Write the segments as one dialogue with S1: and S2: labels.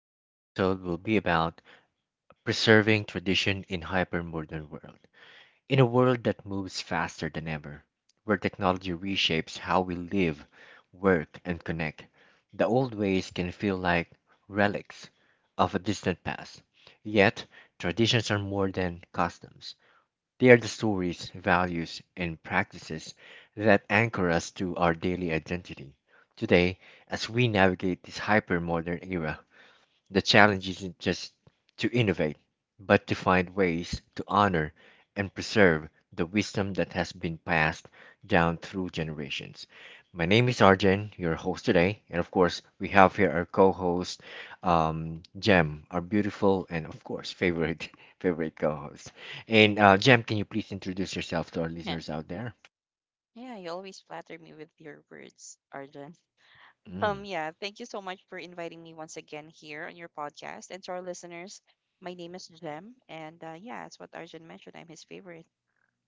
S1: Today's episode will be about preserving tradition in hypermodern world. In a world that moves faster than ever, where technology reshapes how we live, work, and connect, the old ways can feel like relics of a distant past. Yet, traditions are more than customs. They are the stories, values, and practices that anchor us to our daily identity. Today, as we navigate this hypermodern era, the challenge isn't just to innovate, but to find ways to honor and preserve the wisdom that has been passed down through generations. My name is Arjen, your host today, and of course, we have here our co-host, Jem, our beautiful and of course favorite favorite co-host. And Jem, can you please introduce yourself to our
S2: Yeah.
S1: listeners out there?
S2: Yeah, you always flatter me with your words, Arjun.
S1: Mm.
S2: Yeah, thank you so much for inviting me once again here on your podcast. And to our listeners, my name is Jem, and as what Arjun mentioned, I'm his favorite.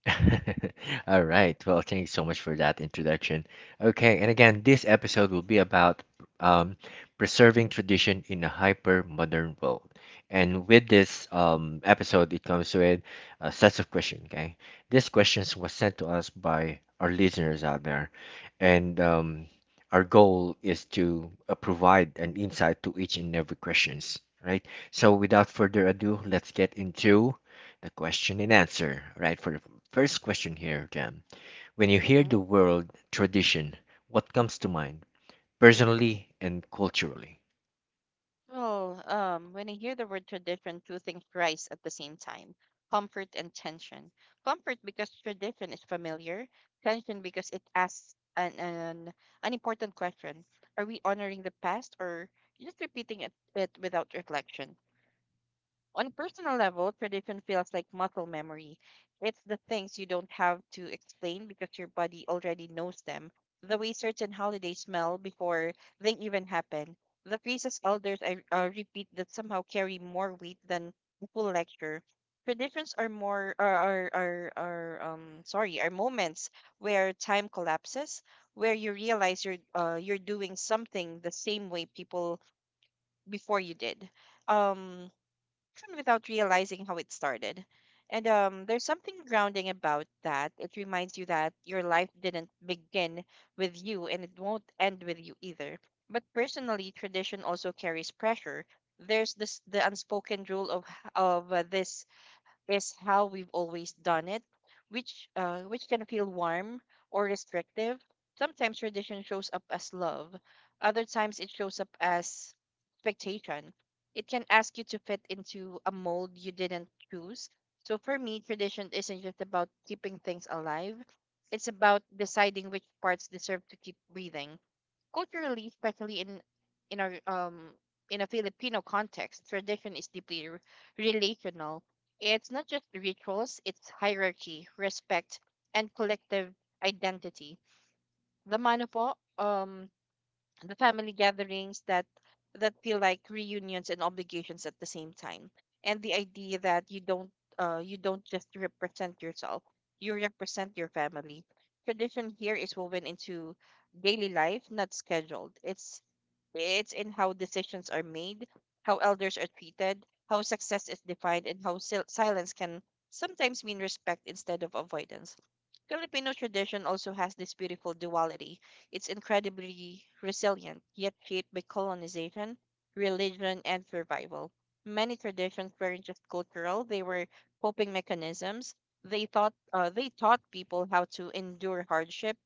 S1: All right. Well, thank you so much for that introduction. Okay, and again, this episode will be about um, preserving tradition in a hyper modern world. And with this episode, it comes with a sets of questions. Okay, these questions was sent to us by our listeners out there, and our goal is to provide an insight to each and every questions. Right. So, without further ado, let's get into the question and answer, right, for the First question here, Jam. When you hear the
S2: hmm
S1: word tradition, what comes to mind, personally and culturally?
S2: Well, when I hear the word tradition, two things rise at the same time: comfort and tension. Comfort because tradition is familiar, tension because it asks an important question: Are we honoring the past or just repeating it without reflection? On personal level, tradition feels like muscle memory. It's the things you don't have to explain because your body already knows them. The way certain holidays smell before they even happen. The phrases elders repeat that somehow carry more weight than a full lecture. Traditions are more are sorry are moments where time collapses, where you realize you're doing something the same way people before you did. Um, Often without realizing how it started. And There's something grounding about that. It reminds you that your life didn't begin with you and it won't end with you either. But personally, tradition also carries pressure. There's this the unspoken rule of this is how we've always done it, which can feel warm or restrictive. Sometimes tradition shows up as love, other times it shows up as expectation. It can ask you to fit into a mold you didn't choose. So for me, tradition isn't just about keeping things alive. It's about deciding which parts deserve to keep breathing. Culturally, especially in our in a Filipino context, tradition is deeply relational. It's not just rituals; it's hierarchy, respect, and collective identity. The manopo, the family gatherings that feel like reunions and obligations at the same time, and the idea that you don't just represent yourself; you represent your family. Tradition here is woven into daily life, not scheduled. It's in how decisions are made, how elders are treated, how success is defined, and how silence can sometimes mean respect instead of avoidance. Filipino tradition also has this beautiful duality. It's incredibly resilient, yet shaped by colonization, religion, and survival. Many traditions weren't just cultural; they were coping mechanisms. They taught people how to endure hardship,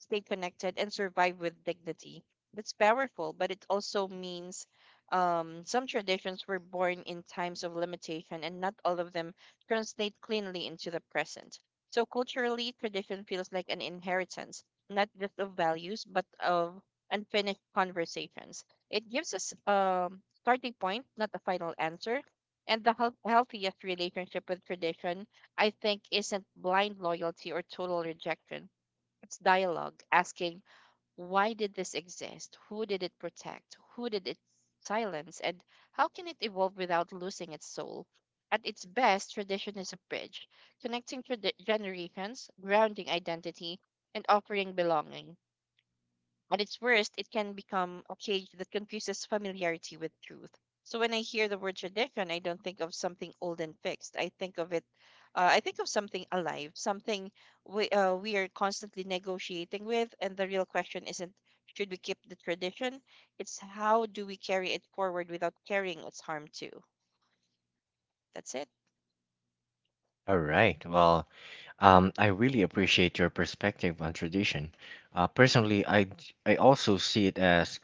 S2: stay connected, and survive with dignity. It's powerful, but it also means some traditions were born in times of limitation, and not all of them translate cleanly into the present. So culturally, tradition feels like an inheritance, not just of values, but of unfinished conversations. It gives us a starting point, not a final answer. And the healthiest relationship with tradition, I think, isn't blind loyalty or total rejection. It's dialogue, asking, why did this exist? Who did it protect? Who did it silence? And how can it evolve without losing its soul? At its best, tradition is a bridge, connecting generations, grounding identity, and offering belonging. At its worst, it can become a cage that confuses familiarity with truth. So when I hear the word tradition, I don't think of something old and fixed. I think of something alive, something we are constantly negotiating with. And the real question isn't should we keep the tradition; it's how do we carry it forward without carrying its harm too. That's it.
S1: All right. Well, I really appreciate your perspective on tradition. Personally, I also see it as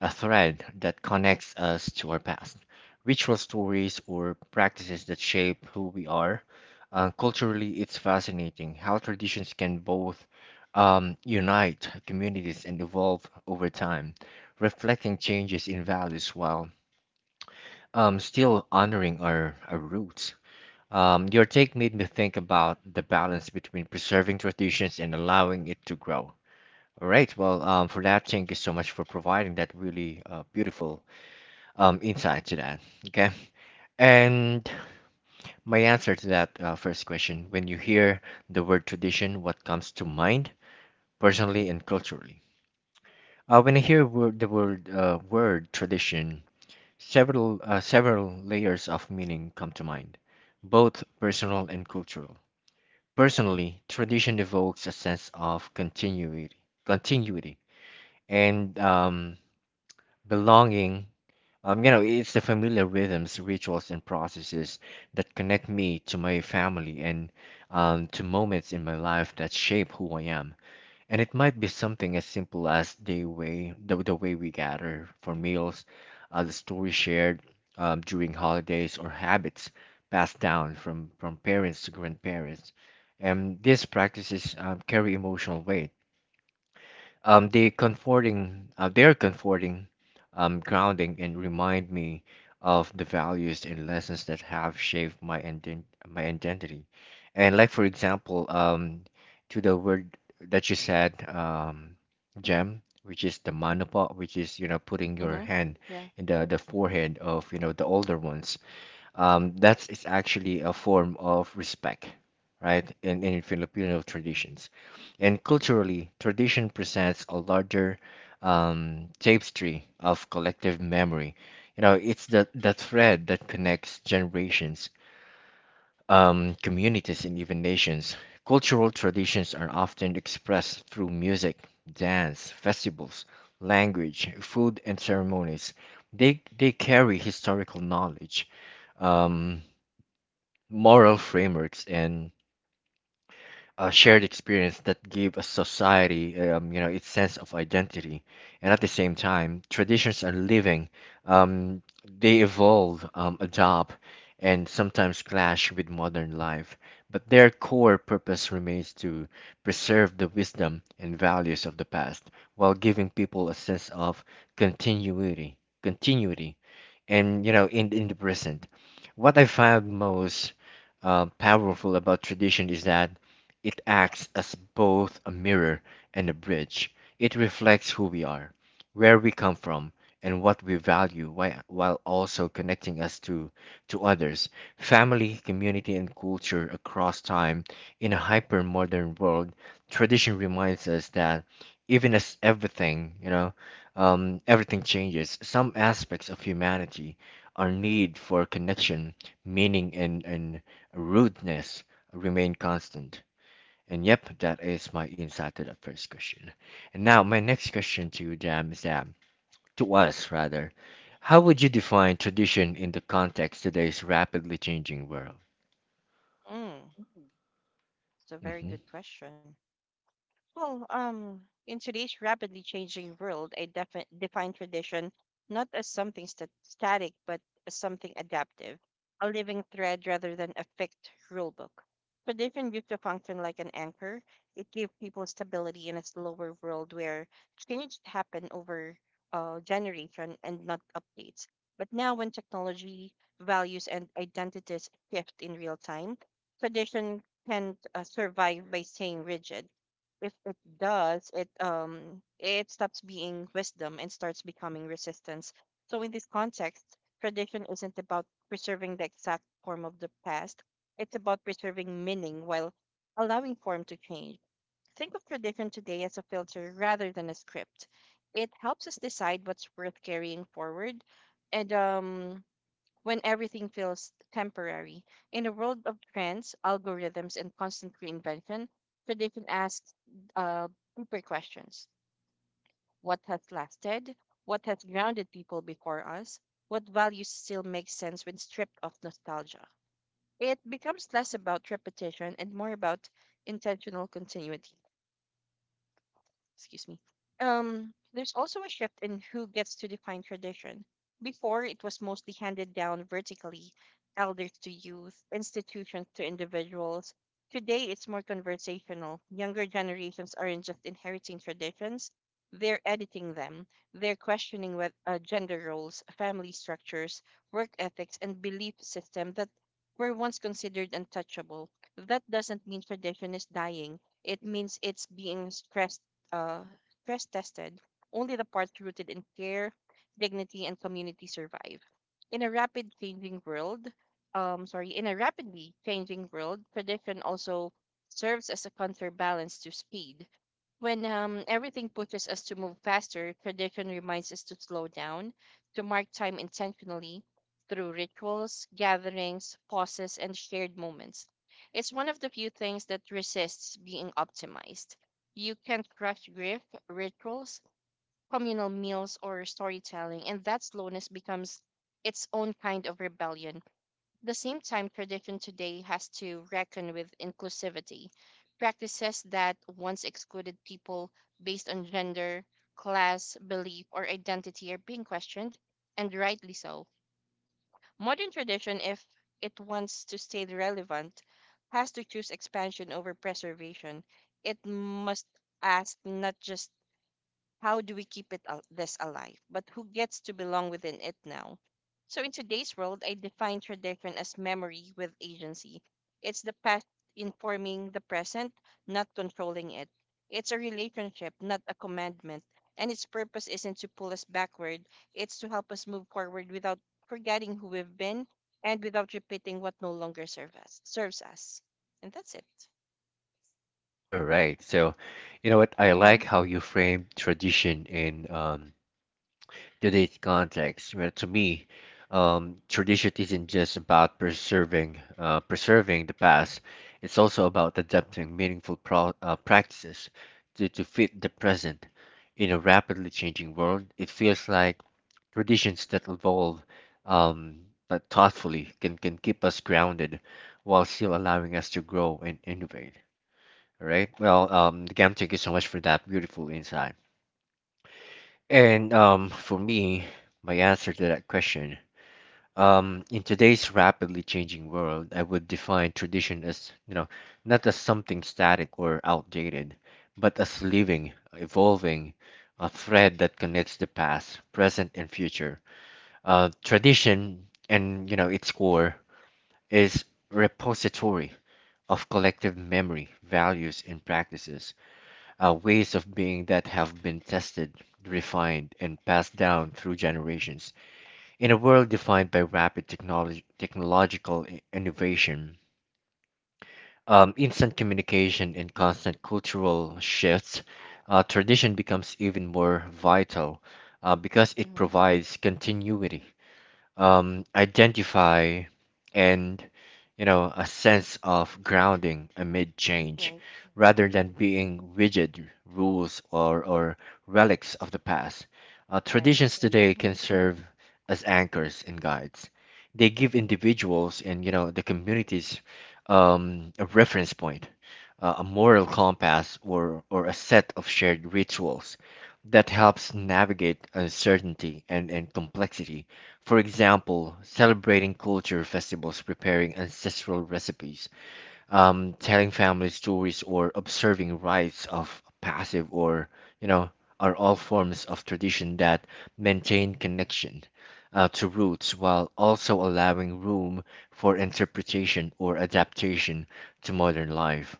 S1: a thread that connects us to our past, ritual stories, or practices that shape who we are. Culturally, it's fascinating how traditions can both unite communities and evolve over time, reflecting changes in values while still honoring our roots. Your take made me think about the balance between preserving traditions and allowing it to grow. All right, well, for that, thank you so much for providing that really beautiful insight to that. Okay. And my answer to that first question when you hear the word tradition, what comes to mind personally and culturally? When I hear word, the word, word tradition, several layers of meaning come to mind, both personal and cultural. Personally, tradition evokes a sense of continuity and belonging. You know, it's the familiar rhythms, rituals, and processes that connect me to my family and to moments in my life that shape who I am. And it might be something as simple as the way we gather for meals, the stories shared during holidays, or habits passed down from parents to grandparents. And these practices carry emotional weight, they're comforting, grounding, and remind me of the values and lessons that have shaped my identity. And like for example, to the word that you said, gem, which is the manapa, which is you know putting your
S2: Mm-hmm.
S1: hand
S2: Yeah.
S1: in the forehead of you know the older ones, that is actually a form of respect, right? In Filipino traditions. And culturally, tradition presents a larger tapestry of collective memory. You know, it's the thread that connects generations, communities, and even nations. Cultural traditions are often expressed through music, dance, festivals, language, food, and ceremonies. They carry historical knowledge. Um, Moral frameworks and shared experience that give a society, you know, its sense of identity. And at the same time, traditions are living. Um, they evolve, adopt, and sometimes clash with modern life. But their core purpose remains to preserve the wisdom and values of the past while giving people a sense of continuity, and you know, in the present. What I find most powerful about tradition is that it acts as both a mirror and a bridge. It reflects who we are, where we come from, and what we value while also connecting us to others, family, community, and culture across time. In a hyper modern world, tradition reminds us that even as everything, you know, everything changes, some aspects of humanity, our need for connection, meaning, and rootedness remain constant. And yep, that is my insight to the first question. And now my next question to you, Jam, is that to us rather, how would you define tradition in the context of today's rapidly changing world?
S2: Mm, it's a very
S1: Mhm.
S2: good question. Well, in today's rapidly changing world, I define tradition not as something static, but as something adaptive, a living thread rather than a fixed rulebook. Tradition used to function like an anchor. It gave people stability in a slower world where change happened over generation and not updates. But now, when technology, values, and identities shift in real time, tradition can survive by staying rigid. If it does, it stops being wisdom and starts becoming resistance. So in this context, tradition isn't about preserving the exact form of the past. It's about preserving meaning while allowing form to change. Think of tradition today as a filter rather than a script. It helps us decide what's worth carrying forward and when everything feels temporary. In a world of trends, algorithms, and constant reinvention, tradition asks uh, deeper questions. What has lasted? What has grounded people before us? What values still make sense when stripped of nostalgia? It becomes less about repetition and more about intentional continuity. Excuse me. There's also a shift in who gets to define tradition. Before, it was mostly handed down vertically, elders to youth, institutions to individuals. Today, it's more conversational. Younger generations aren't just inheriting traditions, they're editing them. They're questioning with, gender roles, family structures, work ethics, and belief system that were once considered untouchable. That doesn't mean tradition is dying; it means it's being uh, stress tested, only the parts rooted in care, dignity, and community survive. In a rapid changing world, in a rapidly changing world, tradition also serves as a counterbalance to speed. When everything pushes us to move faster, tradition reminds us to slow down, to mark time intentionally through rituals, gatherings, pauses, and shared moments. It's one of the few things that resists being optimized. You can't rush grief, rituals, communal meals, or storytelling, and that slowness becomes its own kind of rebellion. The same time, tradition today has to reckon with inclusivity, practices that once excluded people based on gender, class, belief, or identity are being questioned, and rightly so. Modern tradition, if it wants to stay relevant, has to choose expansion over preservation. It must ask not just how do we keep this alive, but who gets to belong within it now? So in today's world, I define tradition as memory with agency. It's the past informing the present, not controlling it. It's a relationship, not a commandment. And its purpose isn't to pull us backward, it's to help us move forward without forgetting who we've been and without repeating what no longer serve us, serves us. And that's it.
S1: All right. So, you know what? I
S2: Mm-hmm.
S1: like how you frame tradition in today's context, well, to me, um, tradition isn't just about preserving the past. It's also about adapting meaningful practices to fit the present. In a rapidly changing world, it feels like traditions that evolve um, but thoughtfully can keep us grounded while still allowing us to grow and innovate. All right. Well, Gam, thank you so much for that beautiful insight. And for me, my answer to that question, in today's rapidly changing world, I would define tradition as, you know, not as something static or outdated, but as living, evolving, a thread that connects the past, present, and future. Tradition, and you know, its core is repository of collective memory, values, and practices, ways of being that have been tested, refined, and passed down through generations. In a world defined by technological innovation, instant communication, and constant cultural shifts, tradition becomes even more vital because it
S2: Mm-hmm.
S1: provides continuity, identify, and you know a sense of grounding
S2: Hmm.
S1: amid change.
S2: Right,
S1: Rather than being rigid rules or relics of the past,
S2: right.
S1: traditions today
S2: Mm-hmm.
S1: can serve as anchors and guides. They give individuals and you know the communities a reference point, a moral compass or a set of shared rituals that helps navigate uncertainty and complexity. For example, celebrating culture festivals, preparing ancestral recipes, telling family stories or observing rites of passive or you know are all forms of tradition that maintain connection to roots while also allowing room for interpretation or adaptation to modern life.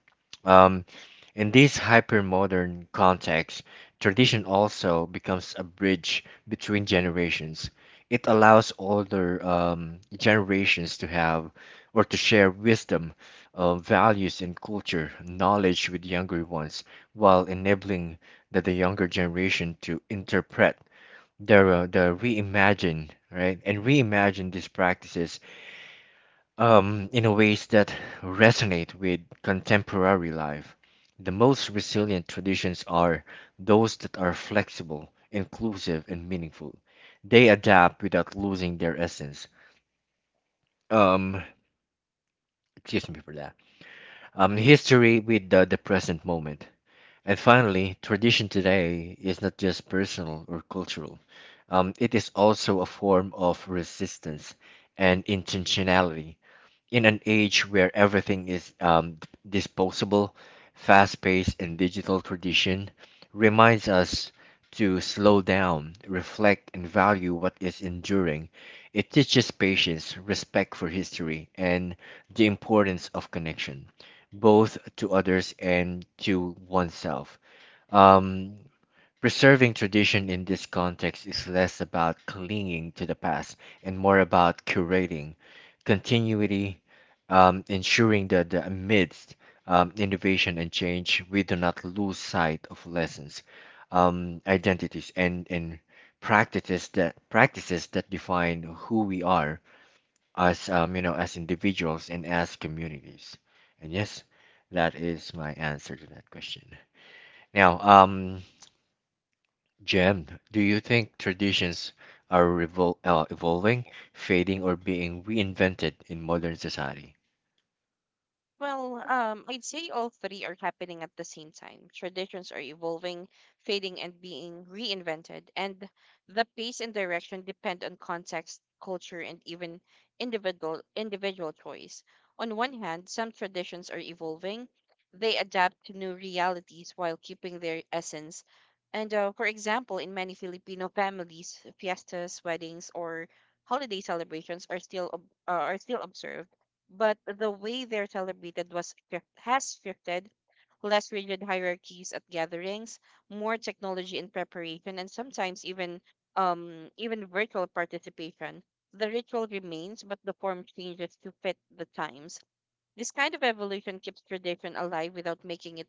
S1: Um, in this hypermodern context, tradition also becomes a bridge between generations. It allows older generations to have or to share wisdom, values and culture knowledge with younger ones while enabling the younger generation to interpret the reimagine right and reimagine these practices in a ways that resonate with contemporary life. The most resilient traditions are those that are flexible, inclusive, and meaningful. They adapt without losing their essence. Um excuse me for that um History with the present moment. And finally, tradition today is not just personal or cultural, it is also a form of resistance and intentionality. In an age where everything is disposable, fast paced, and digital, tradition reminds us to slow down, reflect, and value what is enduring. It teaches patience, respect for history, and the importance of connection, both to others and to oneself. Um, Preserving tradition in this context is less about clinging to the past and more about curating continuity, ensuring that amidst innovation and change, we do not lose sight of lessons, identities, and practices that define who we are as you know as individuals and as communities. And yes, that is my answer to that question. Now, Jem, do you think traditions are evolving, fading, or being reinvented in modern society?
S2: Well, I'd say all three are happening at the same time. Traditions are evolving, fading, and being reinvented, and the pace and direction depend on context, culture, and even individual choice. On one hand, some traditions are evolving; they adapt to new realities while keeping their essence. And for example, in many Filipino families, fiestas, weddings, or holiday celebrations are still observed, but the way they're celebrated has shifted. Less rigid hierarchies at gatherings, more technology in preparation, and sometimes even virtual participation. The ritual remains, but the form changes to fit the times. This kind of evolution keeps tradition alive without making it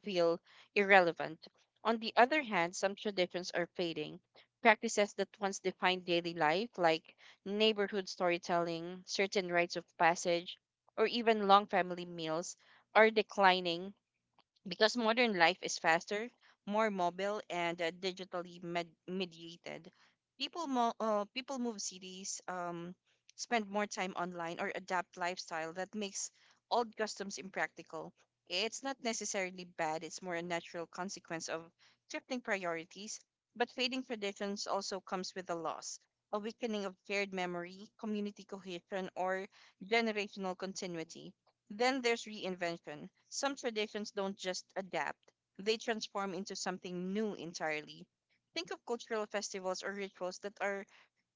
S2: feel irrelevant. On the other hand, some traditions are fading. Practices that once defined daily life, like neighborhood storytelling, certain rites of passage, or even long family meals, are declining because modern life is faster, more mobile, and digitally mediated. People move cities, spend more time online, or adapt lifestyle that makes old customs impractical. It's not necessarily bad, it's more a natural consequence of shifting priorities, but fading traditions also comes with a loss. A weakening of shared memory, community cohesion, or generational continuity. Then there's reinvention. Some traditions don't just adapt, they transform into something new entirely. Think of cultural festivals or rituals that are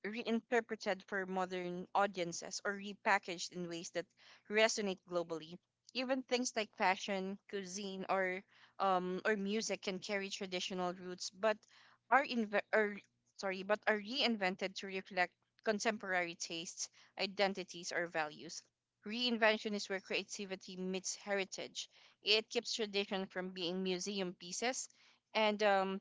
S2: reinterpreted for modern audiences or repackaged in ways that resonate globally. Even things like fashion, cuisine, or music can carry traditional roots, but are inve- or, sorry, but are reinvented to reflect contemporary tastes, identities, or values. Reinvention is where creativity meets heritage. It keeps tradition from being museum pieces and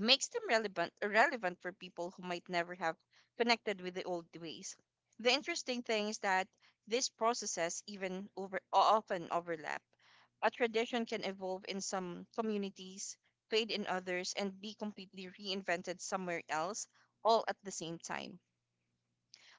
S2: makes them relevant for people who might never have connected with the old ways. The interesting thing is that these processes even over often overlap. A tradition can evolve in some communities, fade in others, and be completely reinvented somewhere else all at the same time.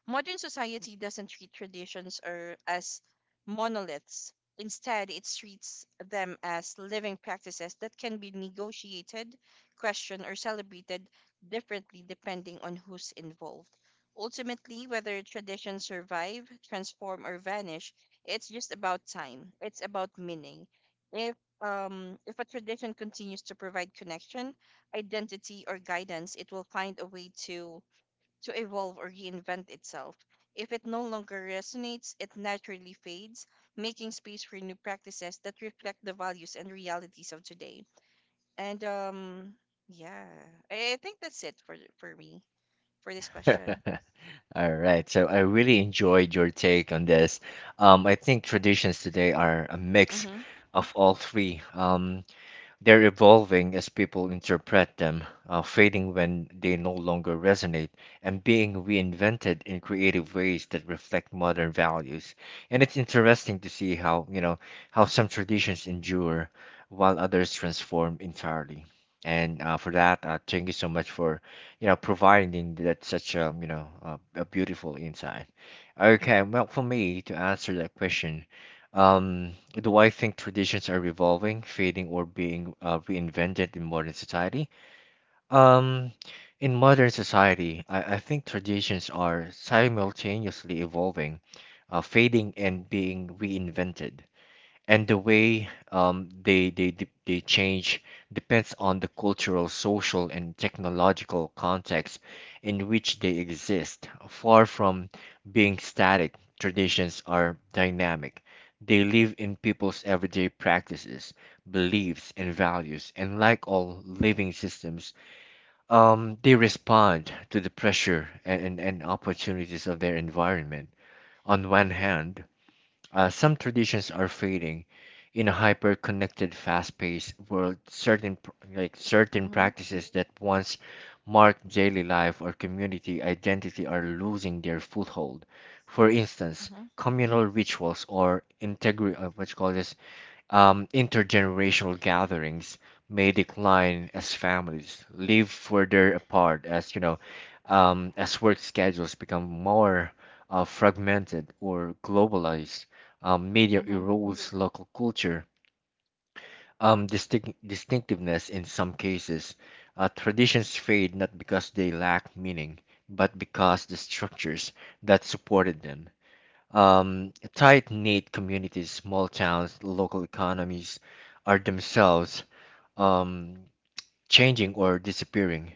S2: Modern society doesn't treat traditions or as monoliths. Instead, it treats them as living practices that can be negotiated, questioned, or celebrated differently depending on who's involved. Ultimately, whether traditions survive, transform, or vanish, it's just about time. It's about meaning. If a tradition continues to provide connection, identity, or guidance, it will find a way to evolve or reinvent itself. If it no longer resonates, it naturally fades, making space for new practices that reflect the values and realities of today. And um, yeah, I think that's it for me for this
S1: All
S2: question.
S1: right, so I really enjoyed your take on this. I think traditions today are a mix
S2: Mm-hmm.
S1: of all three. They're evolving as people interpret them, fading when they no longer resonate, and being reinvented in creative ways that reflect modern values. And it's interesting to see how, you know, how some traditions endure while others transform entirely. And for that, thank you so much for, you know, providing that such a, you know, a beautiful insight. Okay, well, for me to answer that question, do I think traditions are evolving, fading, or being reinvented in modern society? Um, in modern society, I think traditions are simultaneously evolving, fading, and being reinvented, and the way they they change depends on the cultural, social, and technological context in which they exist. Far from being static, traditions are dynamic. They live in people's everyday practices, beliefs, and values, and like all living systems, they respond to the pressure and opportunities of their environment. On one hand, some traditions are fading. In a hyper-connected, fast-paced world, certain pr- like certain
S2: Mm-hmm.
S1: practices that once marked daily life or community identity are losing their foothold. For instance,
S2: Mm-hmm.
S1: communal rituals or integri what you call this intergenerational gatherings may decline as families live further apart, as work schedules become more fragmented or globalized. Media
S2: Mm-hmm.
S1: erodes local culture, distinctiveness in some cases. Traditions fade not because they lack meaning, but because the structures that supported them, tight-knit communities, small towns, local economies, are themselves um, changing or disappearing.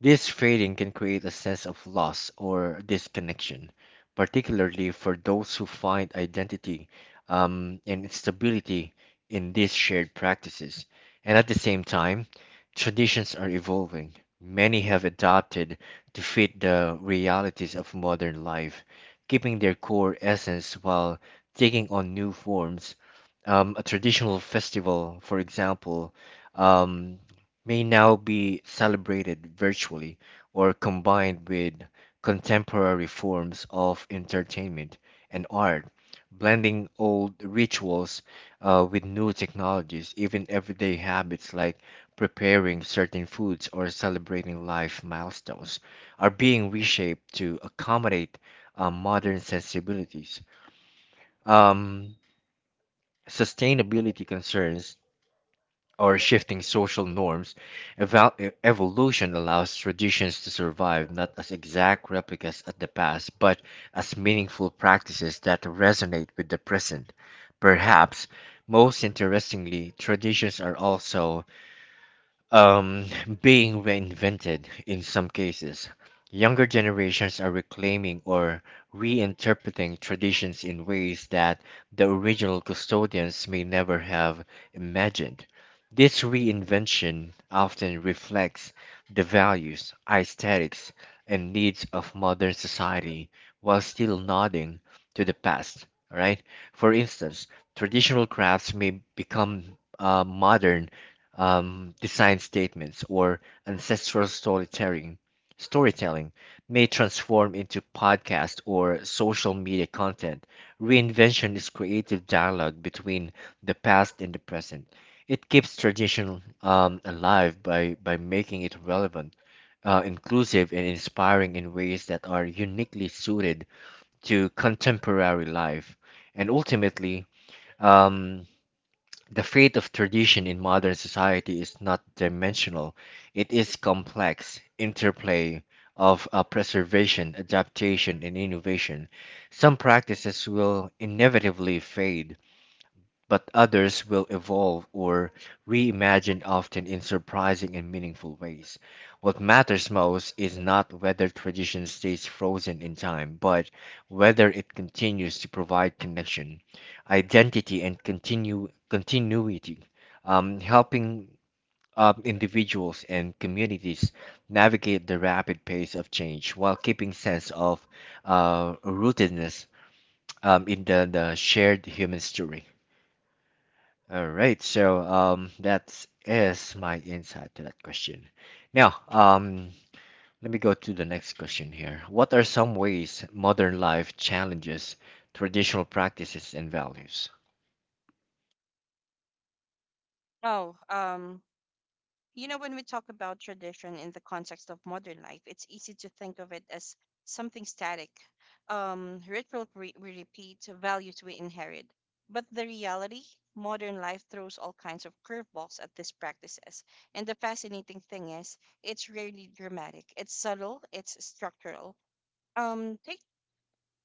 S1: This fading can create a sense of loss or disconnection, particularly for those who find identity and stability in these shared practices. And at the same time, traditions are evolving. Many have adapted to fit the realities of modern life, keeping their core essence while taking on new forms. A traditional festival, for example, um, may now be celebrated virtually or combined with contemporary forms of entertainment and art, blending old rituals with new technologies. Even everyday habits like preparing certain foods or celebrating life milestones are being reshaped to accommodate modern sensibilities. Um, Sustainability concerns or shifting social norms, evolution allows traditions to survive not as exact replicas of the past, but as meaningful practices that resonate with the present. Perhaps most interestingly, traditions are also um, being reinvented in some cases. Younger generations are reclaiming or reinterpreting traditions in ways that the original custodians may never have imagined. This reinvention often reflects the values, aesthetics, and needs of modern society while still nodding to the past, all right? For instance, traditional crafts may become modern design statements, or ancestral storytelling may transform into podcast or social media content. Reinvention is creative dialogue between the past and the present. It keeps tradition alive by, making it relevant, inclusive, and inspiring in ways that are uniquely suited to contemporary life. And ultimately, um, the fate of tradition in modern society is not dimensional, it is complex interplay of preservation, adaptation, and innovation. Some practices will inevitably fade, but others will evolve or reimagined often in surprising and meaningful ways. What matters most is not whether tradition stays frozen in time, but whether it continues to provide connection, identity, and continue continuity, helping individuals and communities navigate the rapid pace of change while keeping sense of rootedness in the shared human story. All right, so that is my insight to that question. Now, let me go to the next question here. What are some ways modern life challenges traditional practices and values?
S2: Oh, um, You know, when we talk about tradition in the context of modern life, it's easy to think of it as something static, ritual we repeat, values we inherit. But the reality, modern life throws all kinds of curveballs at these practices. And the fascinating thing is, it's rarely dramatic. It's subtle, it's structural. Um, take,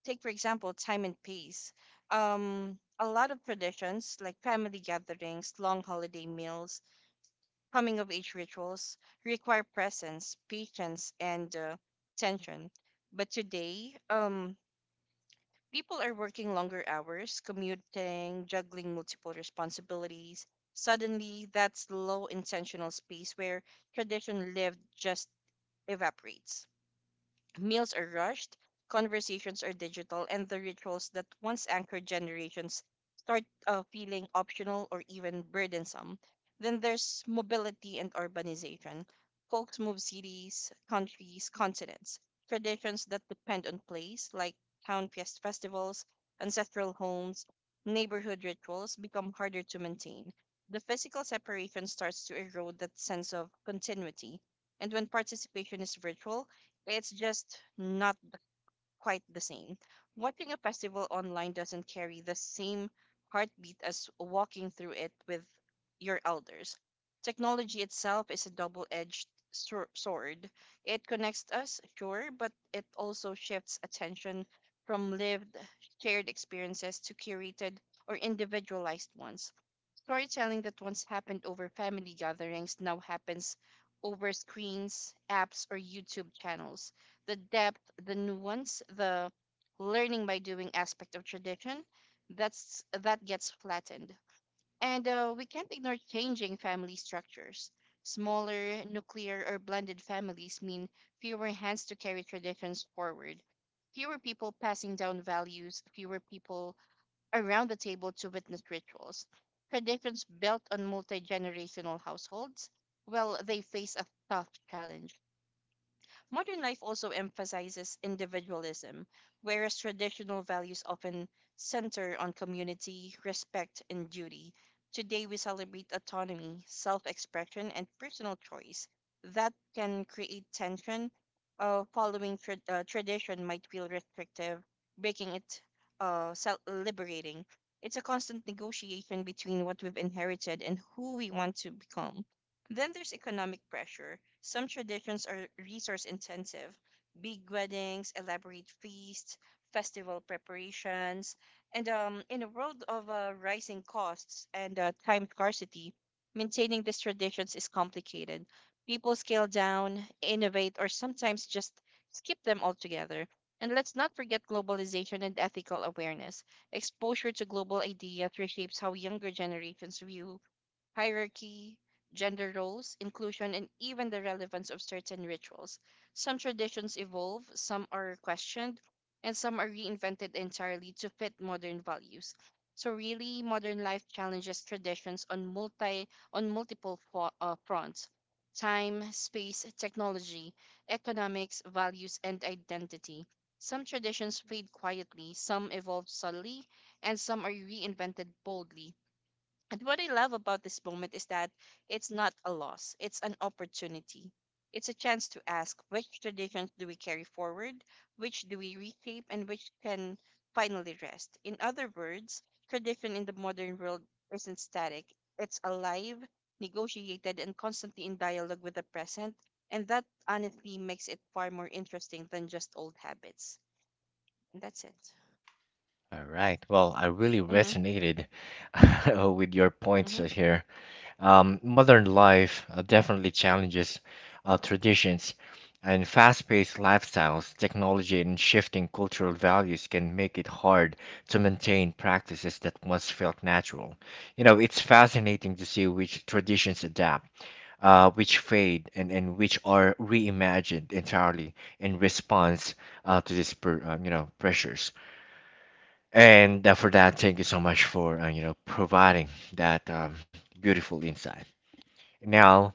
S2: take for example, time and pace. A lot of traditions like family gatherings, long holiday meals, coming of age rituals require presence, patience, and tension. But today, people are working longer hours, commuting, juggling multiple responsibilities. Suddenly, that slow intentional space where tradition lived just evaporates. Meals are rushed, conversations are digital, and the rituals that once anchored generations start feeling optional or even burdensome. Then there's mobility and urbanization. Folks move cities, countries, continents. Traditions that depend on place, like town fest festivals, ancestral homes, neighborhood rituals, become harder to maintain. The physical separation starts to erode that sense of continuity. And when participation is virtual, it's just not the- quite the same. Watching a festival online doesn't carry the same heartbeat as walking through it with your elders. Technology itself is a double edged sword. It connects us, sure, but it also shifts attention from lived, shared experiences to curated or individualized ones. Storytelling that once happened over family gatherings now happens over screens, apps, or YouTube channels. The depth, the nuance, the learning by doing aspect of tradition that gets flattened. And we can't ignore changing family structures. Smaller, nuclear, or blended families mean fewer hands to carry traditions forward, fewer people passing down values, fewer people around the table to witness rituals. Traditions built on multi generational households, well, they face a tough challenge. Modern life also emphasizes individualism, whereas traditional values often center on community, respect, and duty. Today, we celebrate autonomy, self expression, and personal choice. That can create tension. Following tradition might feel restrictive, making it self liberating. It's a constant negotiation between what we've inherited and who we want to become. Then there's economic pressure. Some traditions are resource intensive, big weddings, elaborate feasts, festival preparations. And in a world of rising costs and time scarcity, maintaining these traditions is complicated. People scale down, innovate, or sometimes just skip them altogether. And let's not forget globalization and ethical awareness. Exposure to global ideas reshapes how younger generations view hierarchy, gender roles, inclusion, and even the relevance of certain rituals. Some traditions evolve, some are questioned, and some are reinvented entirely to fit modern values. So really, modern life challenges traditions on multiple fronts: time, space, technology, economics, values, and identity. Some traditions fade quietly, some evolve subtly, and some are reinvented boldly, and what I love about this moment is that it's not a loss, it's an opportunity. It's a chance to ask which traditions do we carry forward, which do we reshape, and which can finally rest. In other words, tradition in the modern world isn't static, it's alive, negotiated, and constantly in dialogue with the present. And that honestly makes it far more interesting than just old habits. And that's it.
S1: All right. Well, I really
S2: Mm-hmm.
S1: resonated with your points
S2: Mm-hmm.
S1: here. Modern life definitely challenges traditions, and fast-paced lifestyles, technology, and shifting cultural values can make it hard to maintain practices that once felt natural. You know, it's fascinating to see which traditions adapt, which fade, and which are reimagined entirely in response to these pressures. And for that, thank you so much for providing that beautiful insight. Now,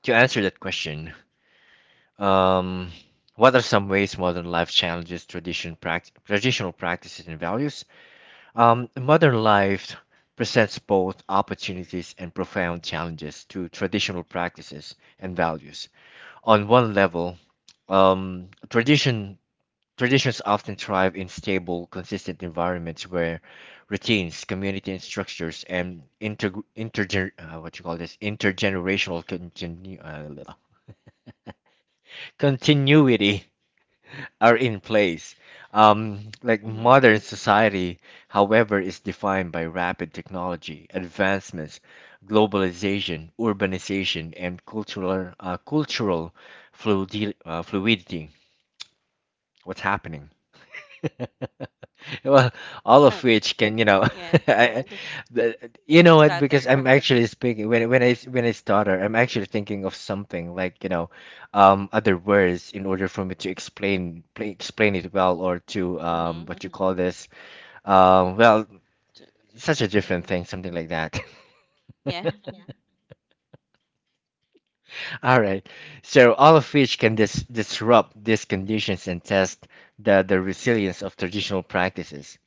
S1: to answer that question, um, what are some ways modern life challenges traditional practices and values? Modern life presents both opportunities and profound challenges to traditional practices and values. On one level, um, tradition Traditions often thrive in stable, consistent environments where routines, community and structures, and inter, intergener what you call this intergenerational continuity are in place. Like
S2: Mm-hmm.
S1: modern society, however, is defined by rapid technology advancements, globalization, urbanization, and cultural fluidity. What's happening? Well, all of which can, you know,
S2: Yeah.
S1: I, I- you
S2: You
S1: know what? Because
S2: stutter.
S1: I'm actually speaking, when I stutter, I'm actually thinking of something, like, you know, other words in order for me to explain pla explain it well, or to
S2: Mm-hmm.
S1: what you call this, well,
S2: So.
S1: such a
S2: Mhm.
S1: different thing, something like that.
S2: Yeah.
S1: All right. So all of which can disrupt these conditions and test the resilience of traditional practices.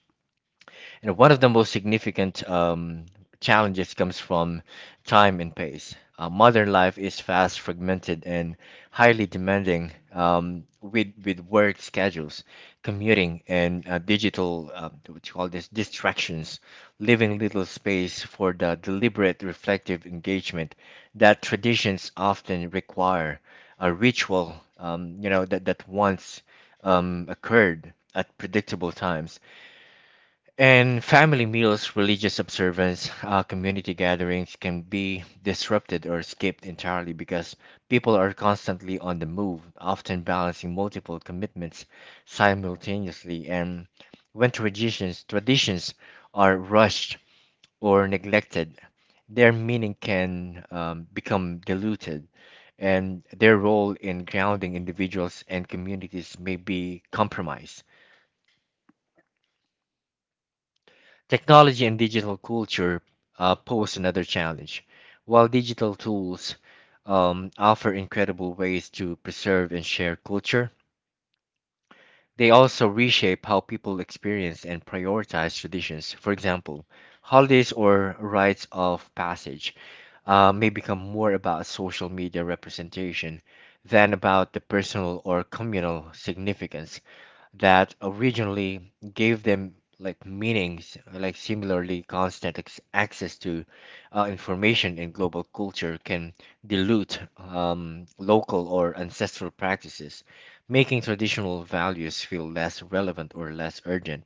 S1: And one of the most significant challenges comes from time and pace. Modern life is fast, fragmented, and highly demanding, with work schedules, commuting, and digital, what you call this, distractions, leaving little space for the deliberate, reflective engagement that traditions often require. A ritual, that once occurred at predictable times, and family meals, religious observance, community gatherings can be disrupted or skipped entirely because people are constantly on the move, often balancing multiple commitments simultaneously. And when traditions are rushed or neglected, their meaning can become diluted, and their role in grounding individuals and communities may be compromised. Technology and digital culture pose another challenge. While digital tools offer incredible ways to preserve and share culture, they also reshape how people experience and prioritize traditions. For example, holidays or rites of passage may become more about social media representation than about the personal or communal significance that originally gave them like meanings. Like, similarly, constant access to information in global culture can dilute local or ancestral practices, making traditional values feel less relevant or less urgent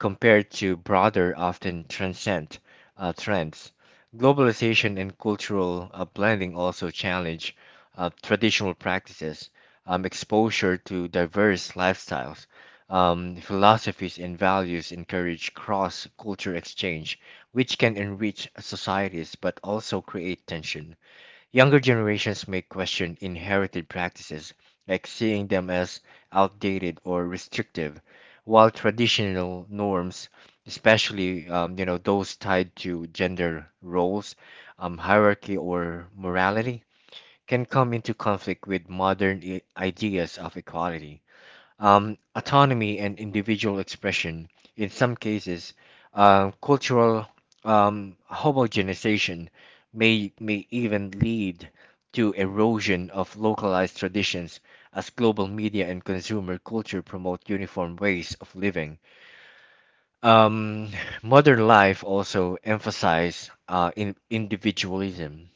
S1: compared to broader, often transcend trends. Globalization and cultural blending also challenge traditional practices, exposure to diverse lifestyles, philosophies, and values encourage cross culture exchange, which can enrich societies but also create tension. Younger generations may question inherited practices, like seeing them as outdated or restrictive, while traditional norms, especially those tied to gender roles, hierarchy, or morality, can come into conflict with ideas of equality, autonomy, and individual expression. In some cases, cultural homogenization may even lead to erosion of localized traditions as global media and consumer culture promote uniform ways of living. Um, Modern life also emphasizes in individualism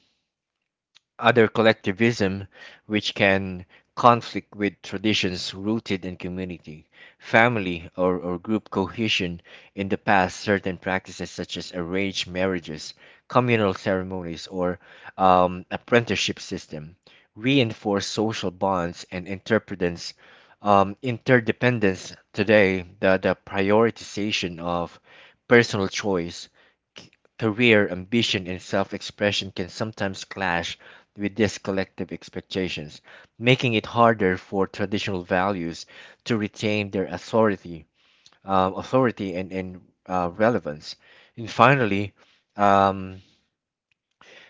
S1: other collectivism, which can conflict with traditions rooted in community, family, or group cohesion. In the past, certain practices such as arranged marriages, communal ceremonies, or apprenticeship system reinforce social bonds and interdependence. Interdependence today, the prioritization of personal choice, c- career ambition, and self expression can sometimes clash with these collective expectations, making it harder for traditional values to retain their authority, authority, and relevance. And finally, um,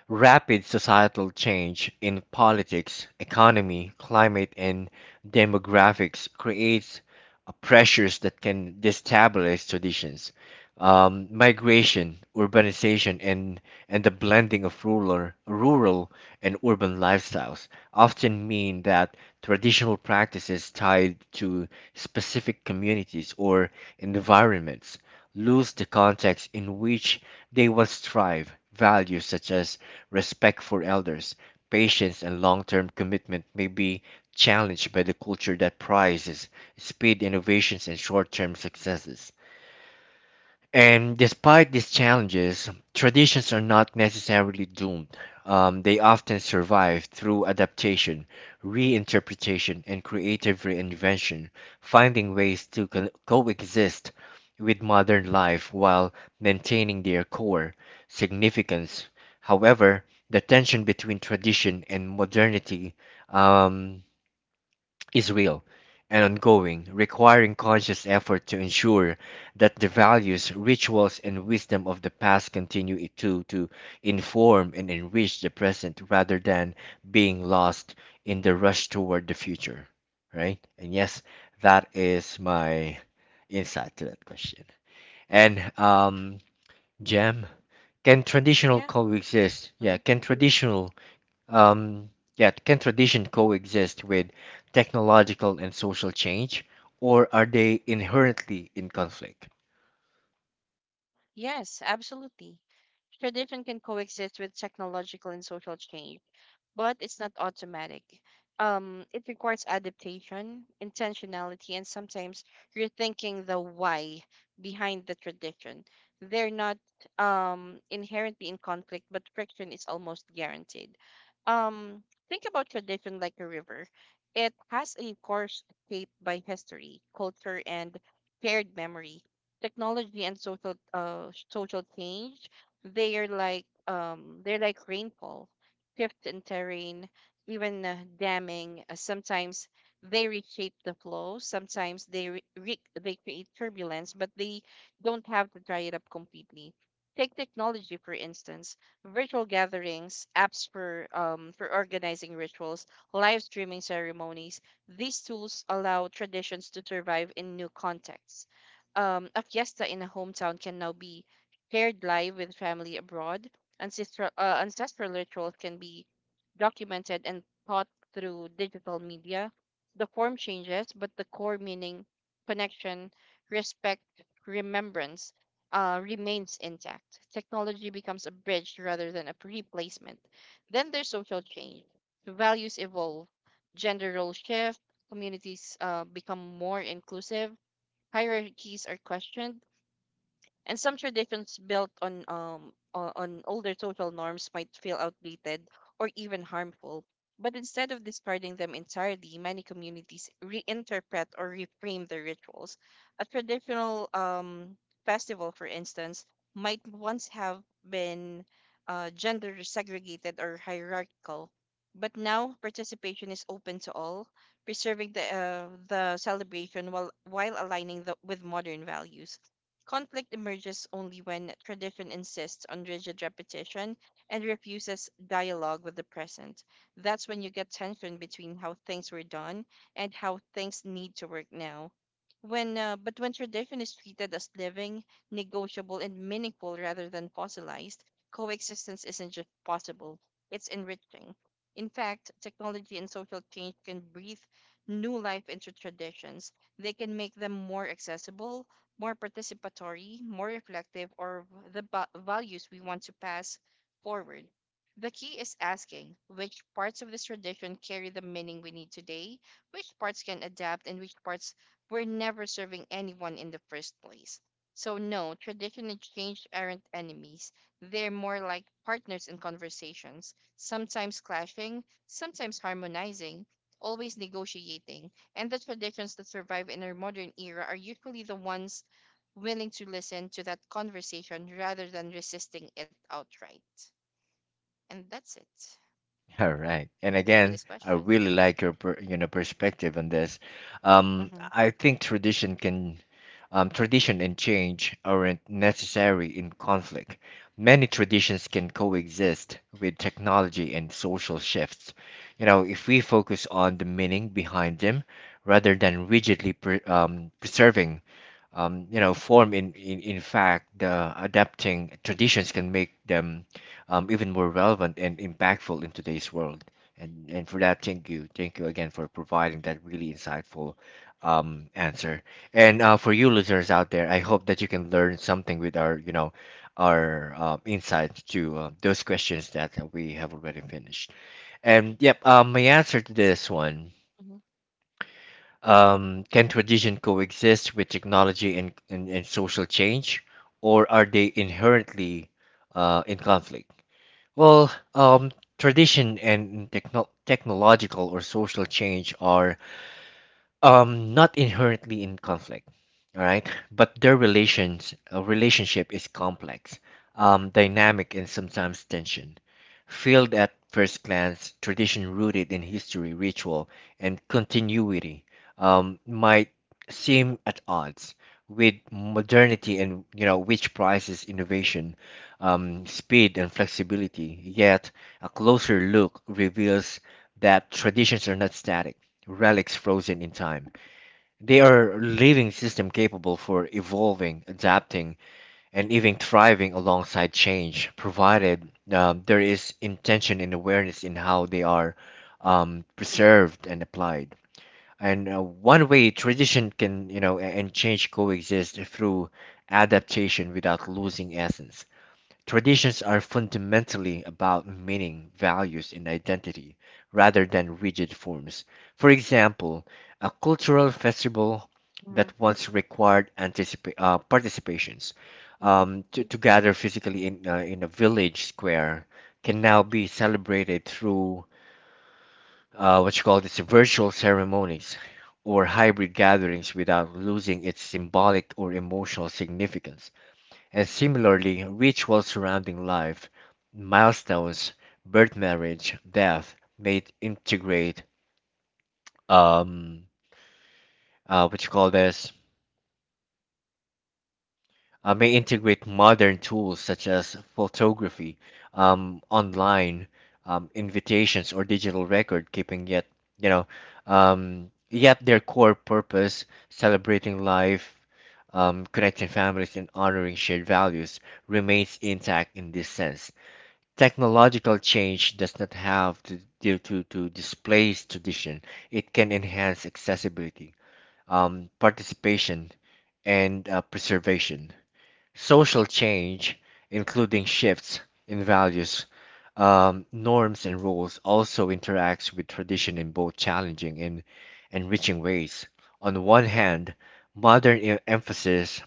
S1: rapid societal change in politics, economy, climate, and demographics creates pressures that can destabilize traditions, migration, urbanization, and the blending of rural and urban lifestyles often mean that traditional practices tied to specific communities or environments lose the context in which they once thrive. Values such as respect for elders, patience, and long term commitment may be challenged by the culture that prizes speed, innovations, and short term successes. And despite these challenges, traditions are not necessarily doomed. They often survive through adaptation, reinterpretation, and creative reinvention, finding ways to coexist with modern life while maintaining their core significance. However, the tension between tradition and modernity um, is real and ongoing, requiring conscious effort to ensure that the values, rituals, and wisdom of the past continue it to, inform and enrich the present rather than being lost in the rush toward the future. Right? And yes, that is my insight to that question. And Jem, can traditional
S2: Yeah.
S1: coexist? Yeah, can traditional can tradition coexist with technological and social change, or are they inherently in conflict?
S2: Yes, absolutely. Tradition can coexist with technological and social change, but it's not automatic. It requires adaptation, intentionality, and sometimes rethinking the why behind the tradition. They're not inherently in conflict, but friction is almost guaranteed. Um, think about tradition like a river. It has a course shaped by history, culture, and shared memory. Technology and social change, they are like they're like rainfall, shifts in terrain, even damming sometimes. They reshape the flow, sometimes they they create turbulence, but they don't have to dry it up completely. Take technology, for instance, virtual gatherings, apps for organizing rituals, live streaming ceremonies. These tools allow traditions to survive in new contexts. A fiesta in a hometown can now be shared live with family abroad. Ancestral rituals can be documented and taught through digital media. The form changes, but the core meaning, connection, respect, remembrance, remains intact. Technology becomes a bridge rather than a replacement. Then there's social change. Values evolve, gender roles shift, communities become more inclusive, hierarchies are questioned, and some traditions built on on older social norms might feel outdated or even harmful. But instead of discarding them entirely, many communities reinterpret or reframe their rituals. A traditional festival, for instance, might once have been gender segregated or hierarchical, but now participation is open to all, preserving the celebration while aligning the, with modern values. Conflict emerges only when tradition insists on rigid repetition and refuses dialogue with the present. That's when you get tension between how things were done and how things need to work now. But when tradition is treated as living, negotiable, and meaningful rather than fossilized, coexistence isn't just possible, it's enriching. In fact, technology and social change can breathe new life into traditions. They can make them more accessible, more participatory, more reflective, or the values we want to pass forward. The key is asking which parts of this tradition carry the meaning we need today, which parts can adapt, and which parts were never serving anyone in the first place. So, no, tradition and change aren't enemies. They're more like partners in conversations, sometimes clashing, sometimes harmonizing, always negotiating. And the traditions that survive in our modern era are usually the ones willing to listen to that conversation rather than resisting it outright. And that's it
S1: All right. And
S2: for this
S1: again, I
S2: question.
S1: really like your you know, perspective on this.
S2: Mm-hmm.
S1: I think tradition can tradition and change aren't necessary in conflict. Many traditions can coexist with technology and social shifts. You know, if we focus on the meaning behind them rather than rigidly preserving form. In, in fact, the adapting traditions can make them even more relevant and impactful in today's world. And for that, Thank you again for providing that really insightful answer. And for you listeners out there, I hope that you can learn something with our, you know, our insights to those questions that we have already finished. And yep, my answer to this one,
S2: Mm-hmm.
S1: can tradition coexist with technology and social change, or are they inherently in conflict? Well, tradition and technological or social change are not inherently in conflict, all right? But their relationship is complex, dynamic, and sometimes tension. Filled at first glance, tradition rooted in history, ritual, and continuity might seem at odds with modernity, and you know which prizes innovation, speed, and flexibility. Yet a closer look reveals that traditions are not static relics frozen in time. They are living system capable for evolving, adapting, and even thriving alongside change, provided there is intention and awareness in how they are preserved and applied. And one way tradition can, you know, and change coexist through adaptation without losing essence. Traditions are fundamentally about meaning, values, and identity rather than rigid forms. For example, a cultural festival
S2: Mm-hmm.
S1: that once required participations
S2: Mm-hmm.
S1: to gather physically in a village square can now be celebrated through what you call this virtual ceremonies or hybrid gatherings without losing its symbolic or emotional significance. And similarly, rituals surrounding life, milestones, birth, marriage, death, may integrate um what you call this may integrate modern tools such as photography, online invitations or digital record keeping. You know, yet their core purpose, celebrating life, connecting families, and honoring shared values, remains intact in this sense. Technological change does not have to displace tradition. It can enhance accessibility, participation, and preservation. Social change, including shifts in values, norms, and rules, also interacts with tradition in both challenging and enriching ways. On one hand, modern emphasis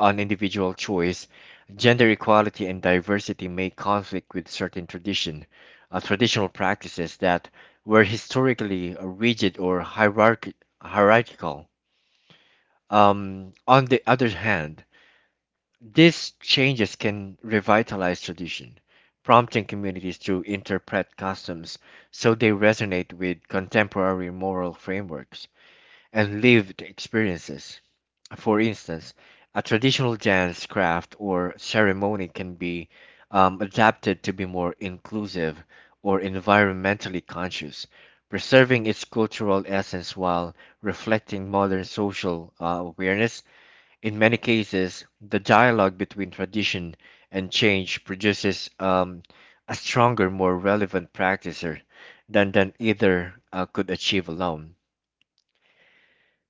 S1: on individual choice, gender equality and diversity may conflict with traditional practices that were historically rigid or hierarchical. On the other hand, these changes can revitalize tradition, prompting communities to interpret customs so they resonate with contemporary moral frameworks and lived experiences. For instance, a traditional dance craft or ceremony can be adapted to be more inclusive or environmentally conscious, preserving its cultural essence while reflecting modern social awareness. In many cases, the dialogue between tradition and change produces a stronger, more relevant practicer than either could achieve alone.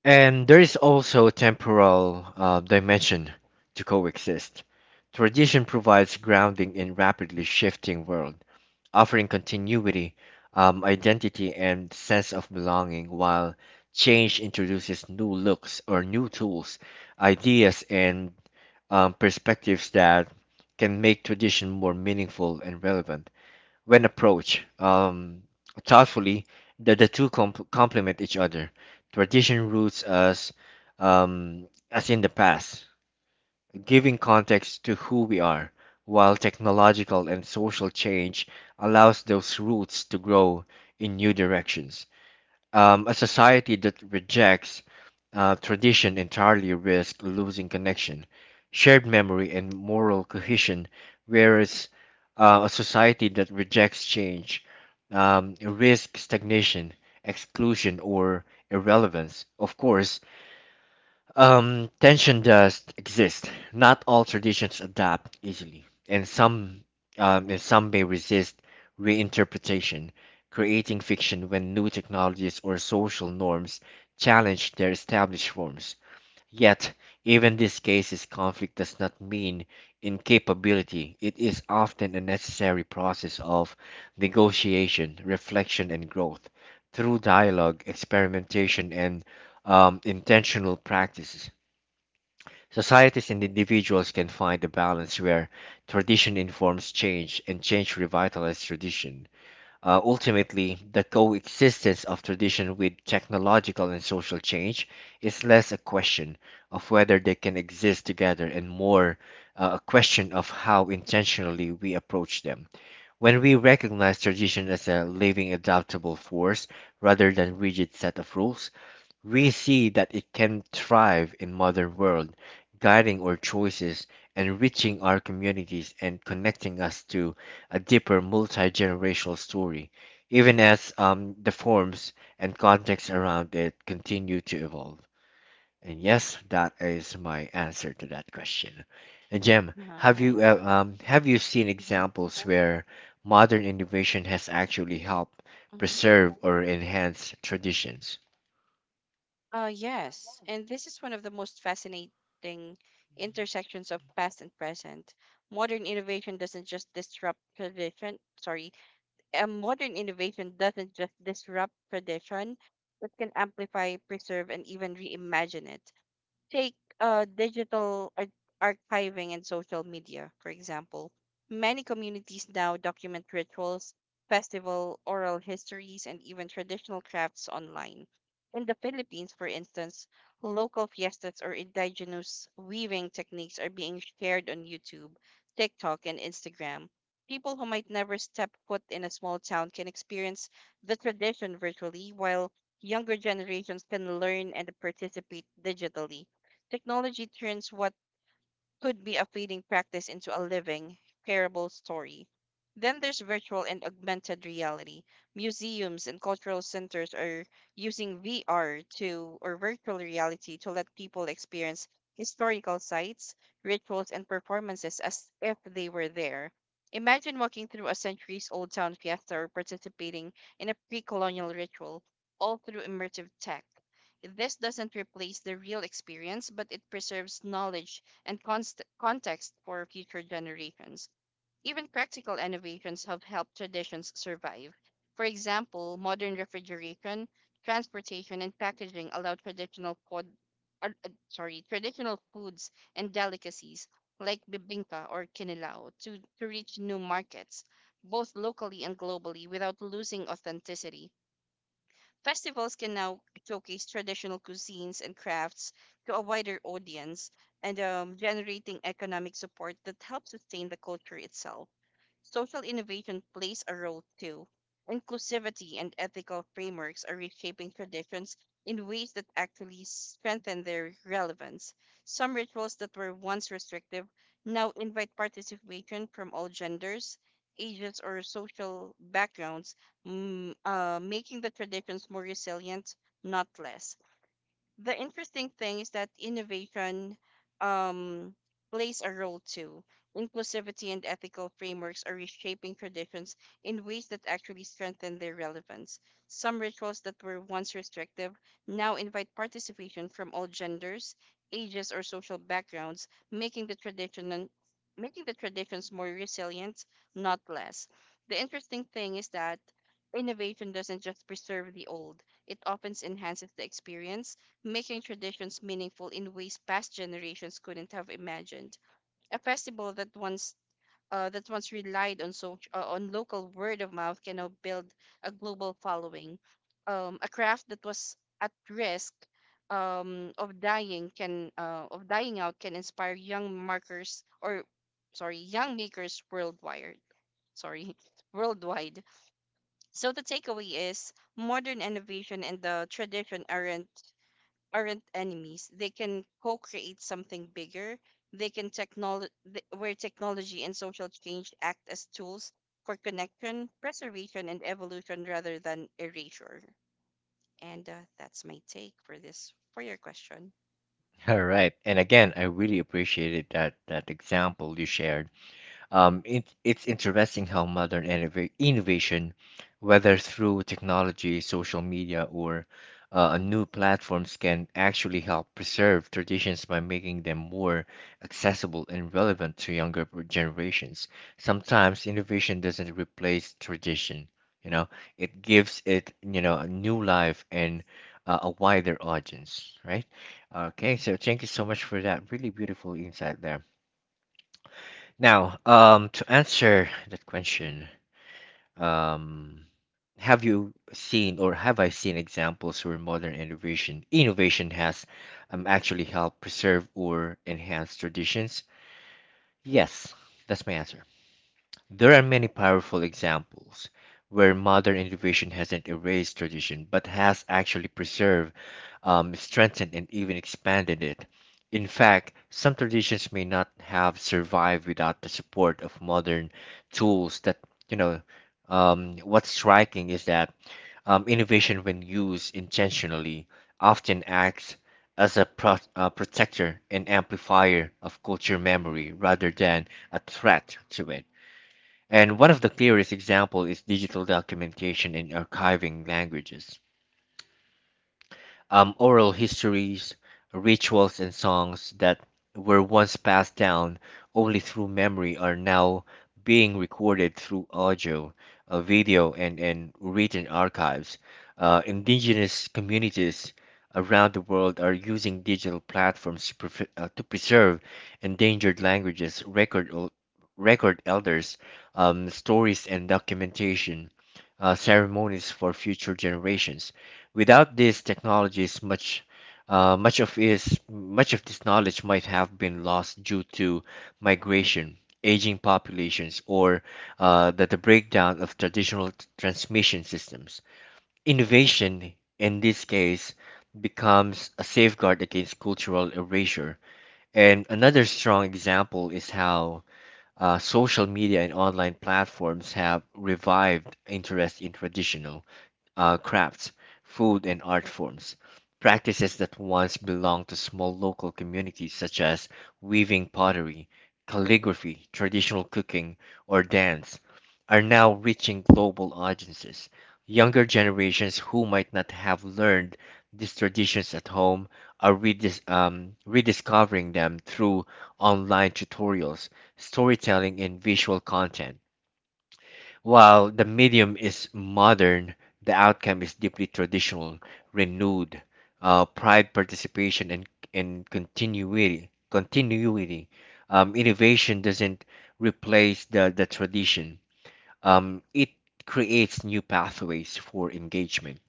S1: And there is also a temporal dimension to coexist. Tradition provides grounding in rapidly shifting world, offering continuity, identity, and sense of belonging, while change introduces new looks or new tools, ideas, and perspectives that can make tradition more meaningful and relevant when approached thoughtfully, the complement each other. Tradition roots us as in the past, giving context to who we are, while technological and social change allows those roots to grow in new directions. A society that rejects tradition entirely risks losing connection, shared memory, and moral cohesion, whereas a society that rejects change risks stagnation, exclusion, or irrelevance. Of course, tension does exist. Not all traditions adapt easily, and some may resist reinterpretation, creating fiction when new technologies or social norms challenge their established forms. Yet, even these cases, conflict does not mean incapability. It is often a necessary process of negotiation, reflection, and growth through dialogue, experimentation, and intentional practices. Societies and individuals can find a balance where tradition informs change and change revitalizes tradition. Ultimately, the coexistence of tradition with technological and social change is less a question of whether they can exist together and more a question of how intentionally we approach them. When we recognize tradition as a living, adaptable force rather than rigid set of rules, we see that it can thrive in modern world, guiding our choices, enriching our communities, and connecting us to a deeper multi-generational story, even as the forms and context around it continue to evolve. And yes, that is my answer to that question. And Jem,
S2: All right.
S1: have you seen
S2: Mm-hmm.
S1: examples where modern innovation has actually helped
S2: Mm-hmm.
S1: preserve or enhance traditions?
S2: Yes. And this is one of the most fascinating intersections of past and present. Modern innovation doesn't just disrupt tradition. Sorry. Modern innovation doesn't just disrupt tradition, but can amplify, preserve, and even reimagine it. Take digital archiving and social media, for example. Many communities now document rituals, festival, oral histories, and even traditional crafts online. In the Philippines, for instance, local fiestas or indigenous weaving techniques are being shared on YouTube, TikTok, and Instagram. People who might never step foot in a small town can experience the tradition virtually, while younger generations can learn and participate digitally. Technology turns what could be a fleeting practice into a living, shareable story. Then there's virtual and augmented reality. Museums and cultural centers are using VR, to or virtual reality, to let people experience historical sites, rituals, and performances as if they were there. Imagine walking through a centuries old town fiesta or participating in a pre colonial ritual, all through immersive tech. This doesn't replace the real experience, but it preserves knowledge and context for future generations. Even practical innovations have helped traditions survive. For example, modern refrigeration, transportation, and packaging allow traditional foods and delicacies like bibingka or kinilaw to reach new markets, both locally and globally, without losing authenticity. Festivals can now showcase traditional cuisines and crafts to a wider audience and generating economic support that helps sustain the culture itself. Social innovation plays a role too. Inclusivity and ethical frameworks are reshaping traditions in ways that actually strengthen their relevance. Some rituals that were once restrictive now invite participation from all genders, ages, or social backgrounds, making the traditions more resilient, not less. The interesting thing is that innovation um, plays a role too. Inclusivity and ethical frameworks are reshaping traditions in ways that actually strengthen their relevance. Some rituals that were once restrictive now invite participation from all genders, ages, or social backgrounds, making the traditions more resilient, not less. The interesting thing is that innovation doesn't just preserve the old; it often enhances the experience, making traditions meaningful in ways past generations couldn't have imagined. A festival that once relied on on local word of mouth can now build a global following. A craft that was at risk of dying out can inspire young makers worldwide. Sorry, worldwide. So the takeaway is modern innovation and the tradition aren't enemies. They can co-create something bigger. They can technolo- th- where technology and social change act as tools for connection, preservation, and evolution rather than erasure. And that's my take for this for your question.
S1: All right. And again, I really appreciated that example you shared. It's interesting how modern innovation, whether through technology, social media, or
S2: Mm-hmm.
S1: new platforms, can actually help preserve traditions by making them more accessible and relevant to younger generations. Sometimes innovation doesn't replace tradition, you know, it gives it, a new life and a wider audience, right? Okay, so thank you so much for that really beautiful insight there. Now, to answer that question, um, have you seen or have I seen examples where modern innovation has actually helped preserve or enhance traditions? Yes, that's my answer. There are many powerful examples where modern innovation hasn't erased tradition but has actually preserved, strengthened, and even expanded it. In fact, some traditions may not have survived without the support of modern tools that, you know, what's striking is that innovation, when used intentionally, often acts as a protector and amplifier of culture memory rather than a threat to it. And one of the clearest examples is digital documentation in archiving languages oral histories, rituals, and songs that were once passed down only through memory are now being recorded through audio, video, and written archives. Indigenous communities around the world are using digital platforms to, to preserve endangered languages, record elders, stories, and documentation ceremonies for future generations. Without these technologies, much of this knowledge might have been lost due to migration, aging populations, or the breakdown of traditional transmission systems. Innovation, in this case, becomes a safeguard against cultural erasure. And another strong example is how social media and online platforms have revived interest in traditional crafts, food, and art forms. Practices that once belonged to small local communities, such as weaving pottery, calligraphy, traditional cooking, or dance, are now reaching global audiences. Younger generations who might not have learned these traditions at home are rediscovering them through online tutorials, storytelling, and visual content. While the medium is modern, the outcome is deeply traditional, renewed, pride, participation, and continuity. Innovation doesn't replace the tradition. It creates new pathways for engagement.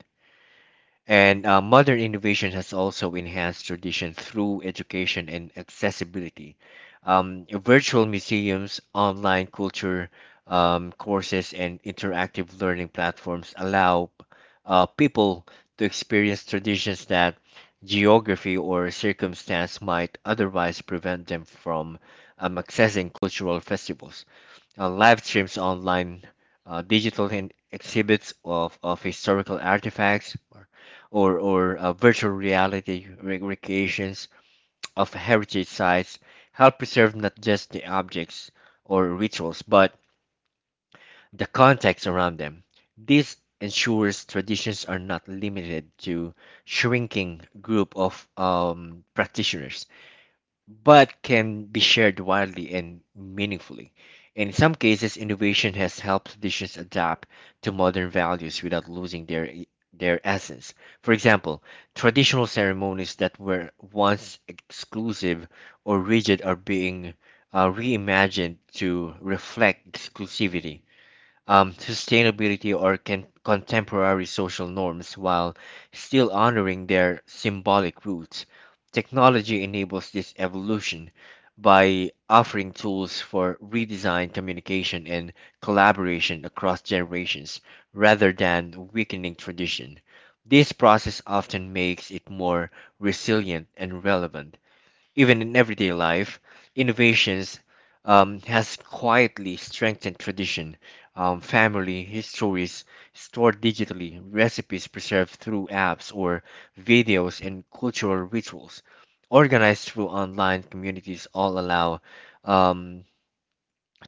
S1: And modern innovation has also enhanced tradition through education and accessibility. Virtual museums, online culture courses, and interactive learning platforms allow people to experience traditions that geography or circumstance might otherwise prevent them from accessing cultural festivals live streams online, digital and exhibits of historical artifacts, or virtual reality recreations of heritage sites help preserve not just the objects or rituals, but the context around them. This ensures traditions are not limited to shrinking group of practitioners but can be shared widely and meaningfully. In some cases, innovation has helped traditions adapt to modern values without losing their essence. For example, traditional ceremonies that were once exclusive or rigid are being reimagined to reflect exclusivity sustainability or contemporary social norms while still honoring their symbolic roots. Technology enables this evolution by offering tools for redesign, communication, and collaboration across generations rather than weakening tradition. This process often makes it more resilient and relevant even in everyday life, innovations has quietly strengthened tradition. Family histories stored digitally, recipes preserved through apps or videos, and cultural rituals organized through online communities all allow um,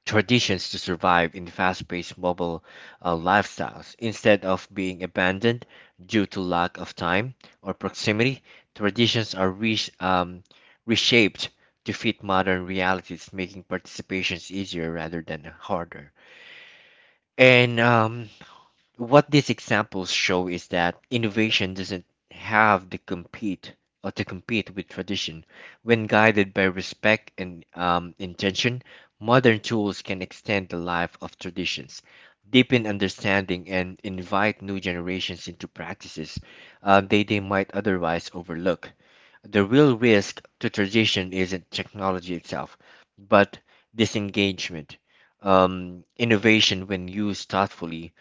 S1: traditions to survive in fast-paced mobile lifestyles. Instead of being abandoned due to lack of time or proximity, traditions are reshaped to fit modern realities, making participations easier rather than harder. And what these examples show is that innovation doesn't have to compete with tradition. When guided by respect and intention, modern tools can extend the life of traditions, deepen understanding, and invite new generations into practices they might otherwise overlook. The real risk to tradition isn't technology itself, but disengagement. Innovation, when used thoughtfully,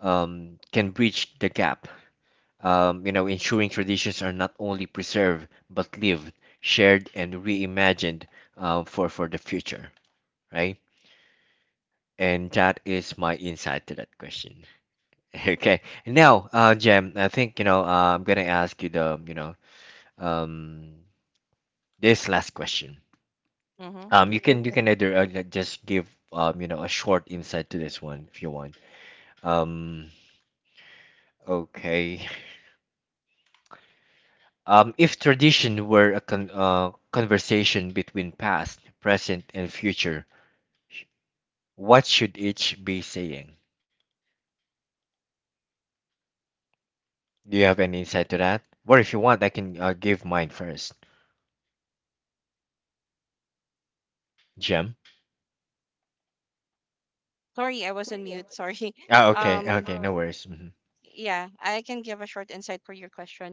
S1: can bridge the gap, ensuring traditions are not only preserved but lived, shared, and reimagined for the future, right? And that is my insight to that question. Okay, now, Jem, I think I'm gonna ask you the um, this last question.
S2: Mm-hmm.
S1: You can either like, just give a short insight to this one if you want. Um, okay. If tradition were a conversation between past, present, and future, what should each be saying? Do you have any insight to that? Or if you want, I can give mine first. Jim?
S2: Sorry, I was on mute. Sorry.
S1: Ah, okay,
S2: Um,
S1: okay, no worries. Hmm.
S2: Yeah, I can give a short insight for your question.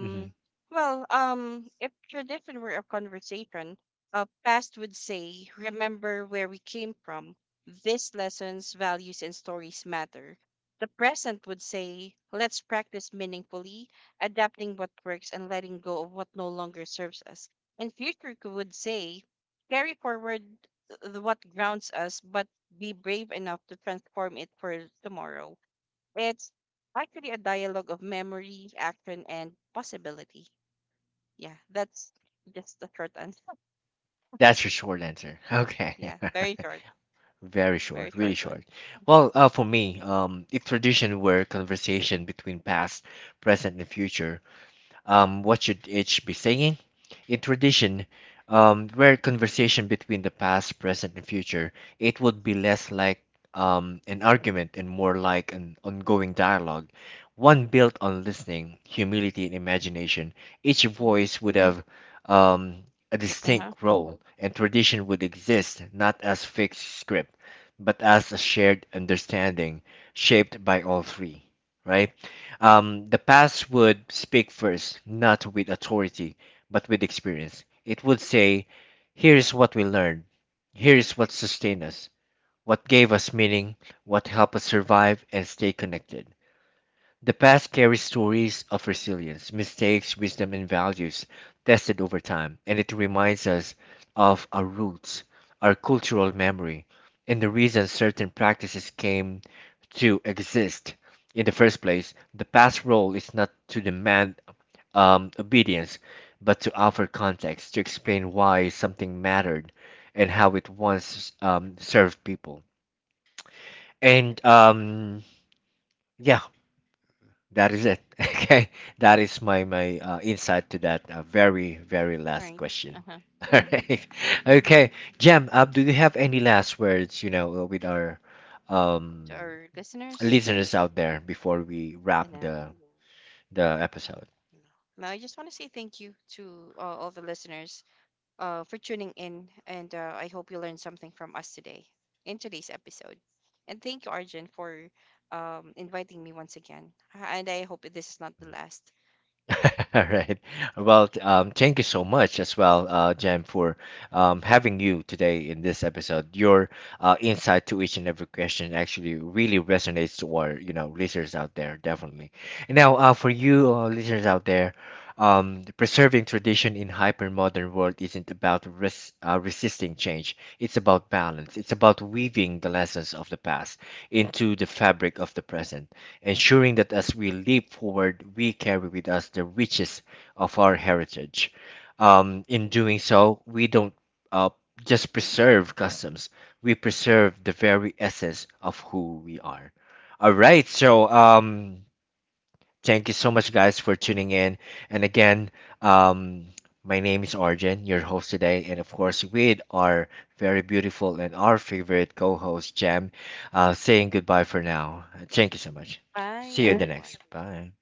S1: Hmm.
S2: if tradition were a conversation, past would say, remember where we came from. These lessons, values, and stories matter. The present would say, let's practice meaningfully, adapting what works and letting go of what no longer serves us. And future would say, carry forward what grounds us, but be brave enough to transform it for tomorrow. It's actually a dialogue of memory, action, and possibility. Yeah, that's just a short answer.
S1: That's your short answer. Okay,
S2: Yeah,
S1: very
S2: very
S1: short,
S2: short
S1: really
S2: one.
S1: short. Well, for me, if tradition were a conversation between past, present, and future, what should each be saying? In tradition, where conversation between the past, present, and future, it would be less like an argument and more like an ongoing dialogue, one built on listening, humility, and imagination. Each
S2: Mm-hmm.
S1: voice would have um, a
S2: Uh huh.
S1: distinct role, and tradition would exist not as fixed script, but as a shared understanding shaped by all three, right? The past would speak first, not with authority, but with experience. It would say, here's what we learned, here's what sustained us, what gave us meaning, what helped us survive and stay connected. The past carries stories of resilience, mistakes, wisdom, and values tested over time, and it reminds us of our roots, our cultural memory, and the reason certain practices came to exist in the first place. The past role is not to demand obedience, but to offer context, to explain why something mattered and how it once served people. And yeah, that is it. Okay, that is my insight to that very last
S2: Right.
S1: question.
S2: Uh huh.
S1: All right.
S2: Mm-hmm.
S1: Okay, Jem, do you have any last words, you know, with our um,
S2: To our listeners,
S1: listeners out there before we
S2: and
S1: wrap the episode?
S2: now I just want to say thank you to all the listeners for tuning in, and I hope you learned something from us today in today's episode. And thank you, Arjun, for inviting me once again. And I hope this is not the last.
S1: All right. Well, thank you so much as well, Jem, for having you today in this episode. Your insight to each and every question actually really resonates to our, you know, listeners out there, definitely. And now, for you listeners out there, preserving tradition in hyper-modern world isn't about resisting change. It's about balance. It's about weaving the lessons of the past into the fabric of the present ensuring that as we leap forward, we carry with us the riches of our heritage. In doing so, we don't uh, just preserve customs, we preserve the very essence of who we are. All right, so thank you so much, guys, for tuning in. And again, um, my name is Arjun, your host today, and of course, with our very beautiful and our favorite co-host Jam, saying goodbye for now. Thank you so much.
S2: Bye,
S1: See you in the
S2: everyone.
S1: next. Bye.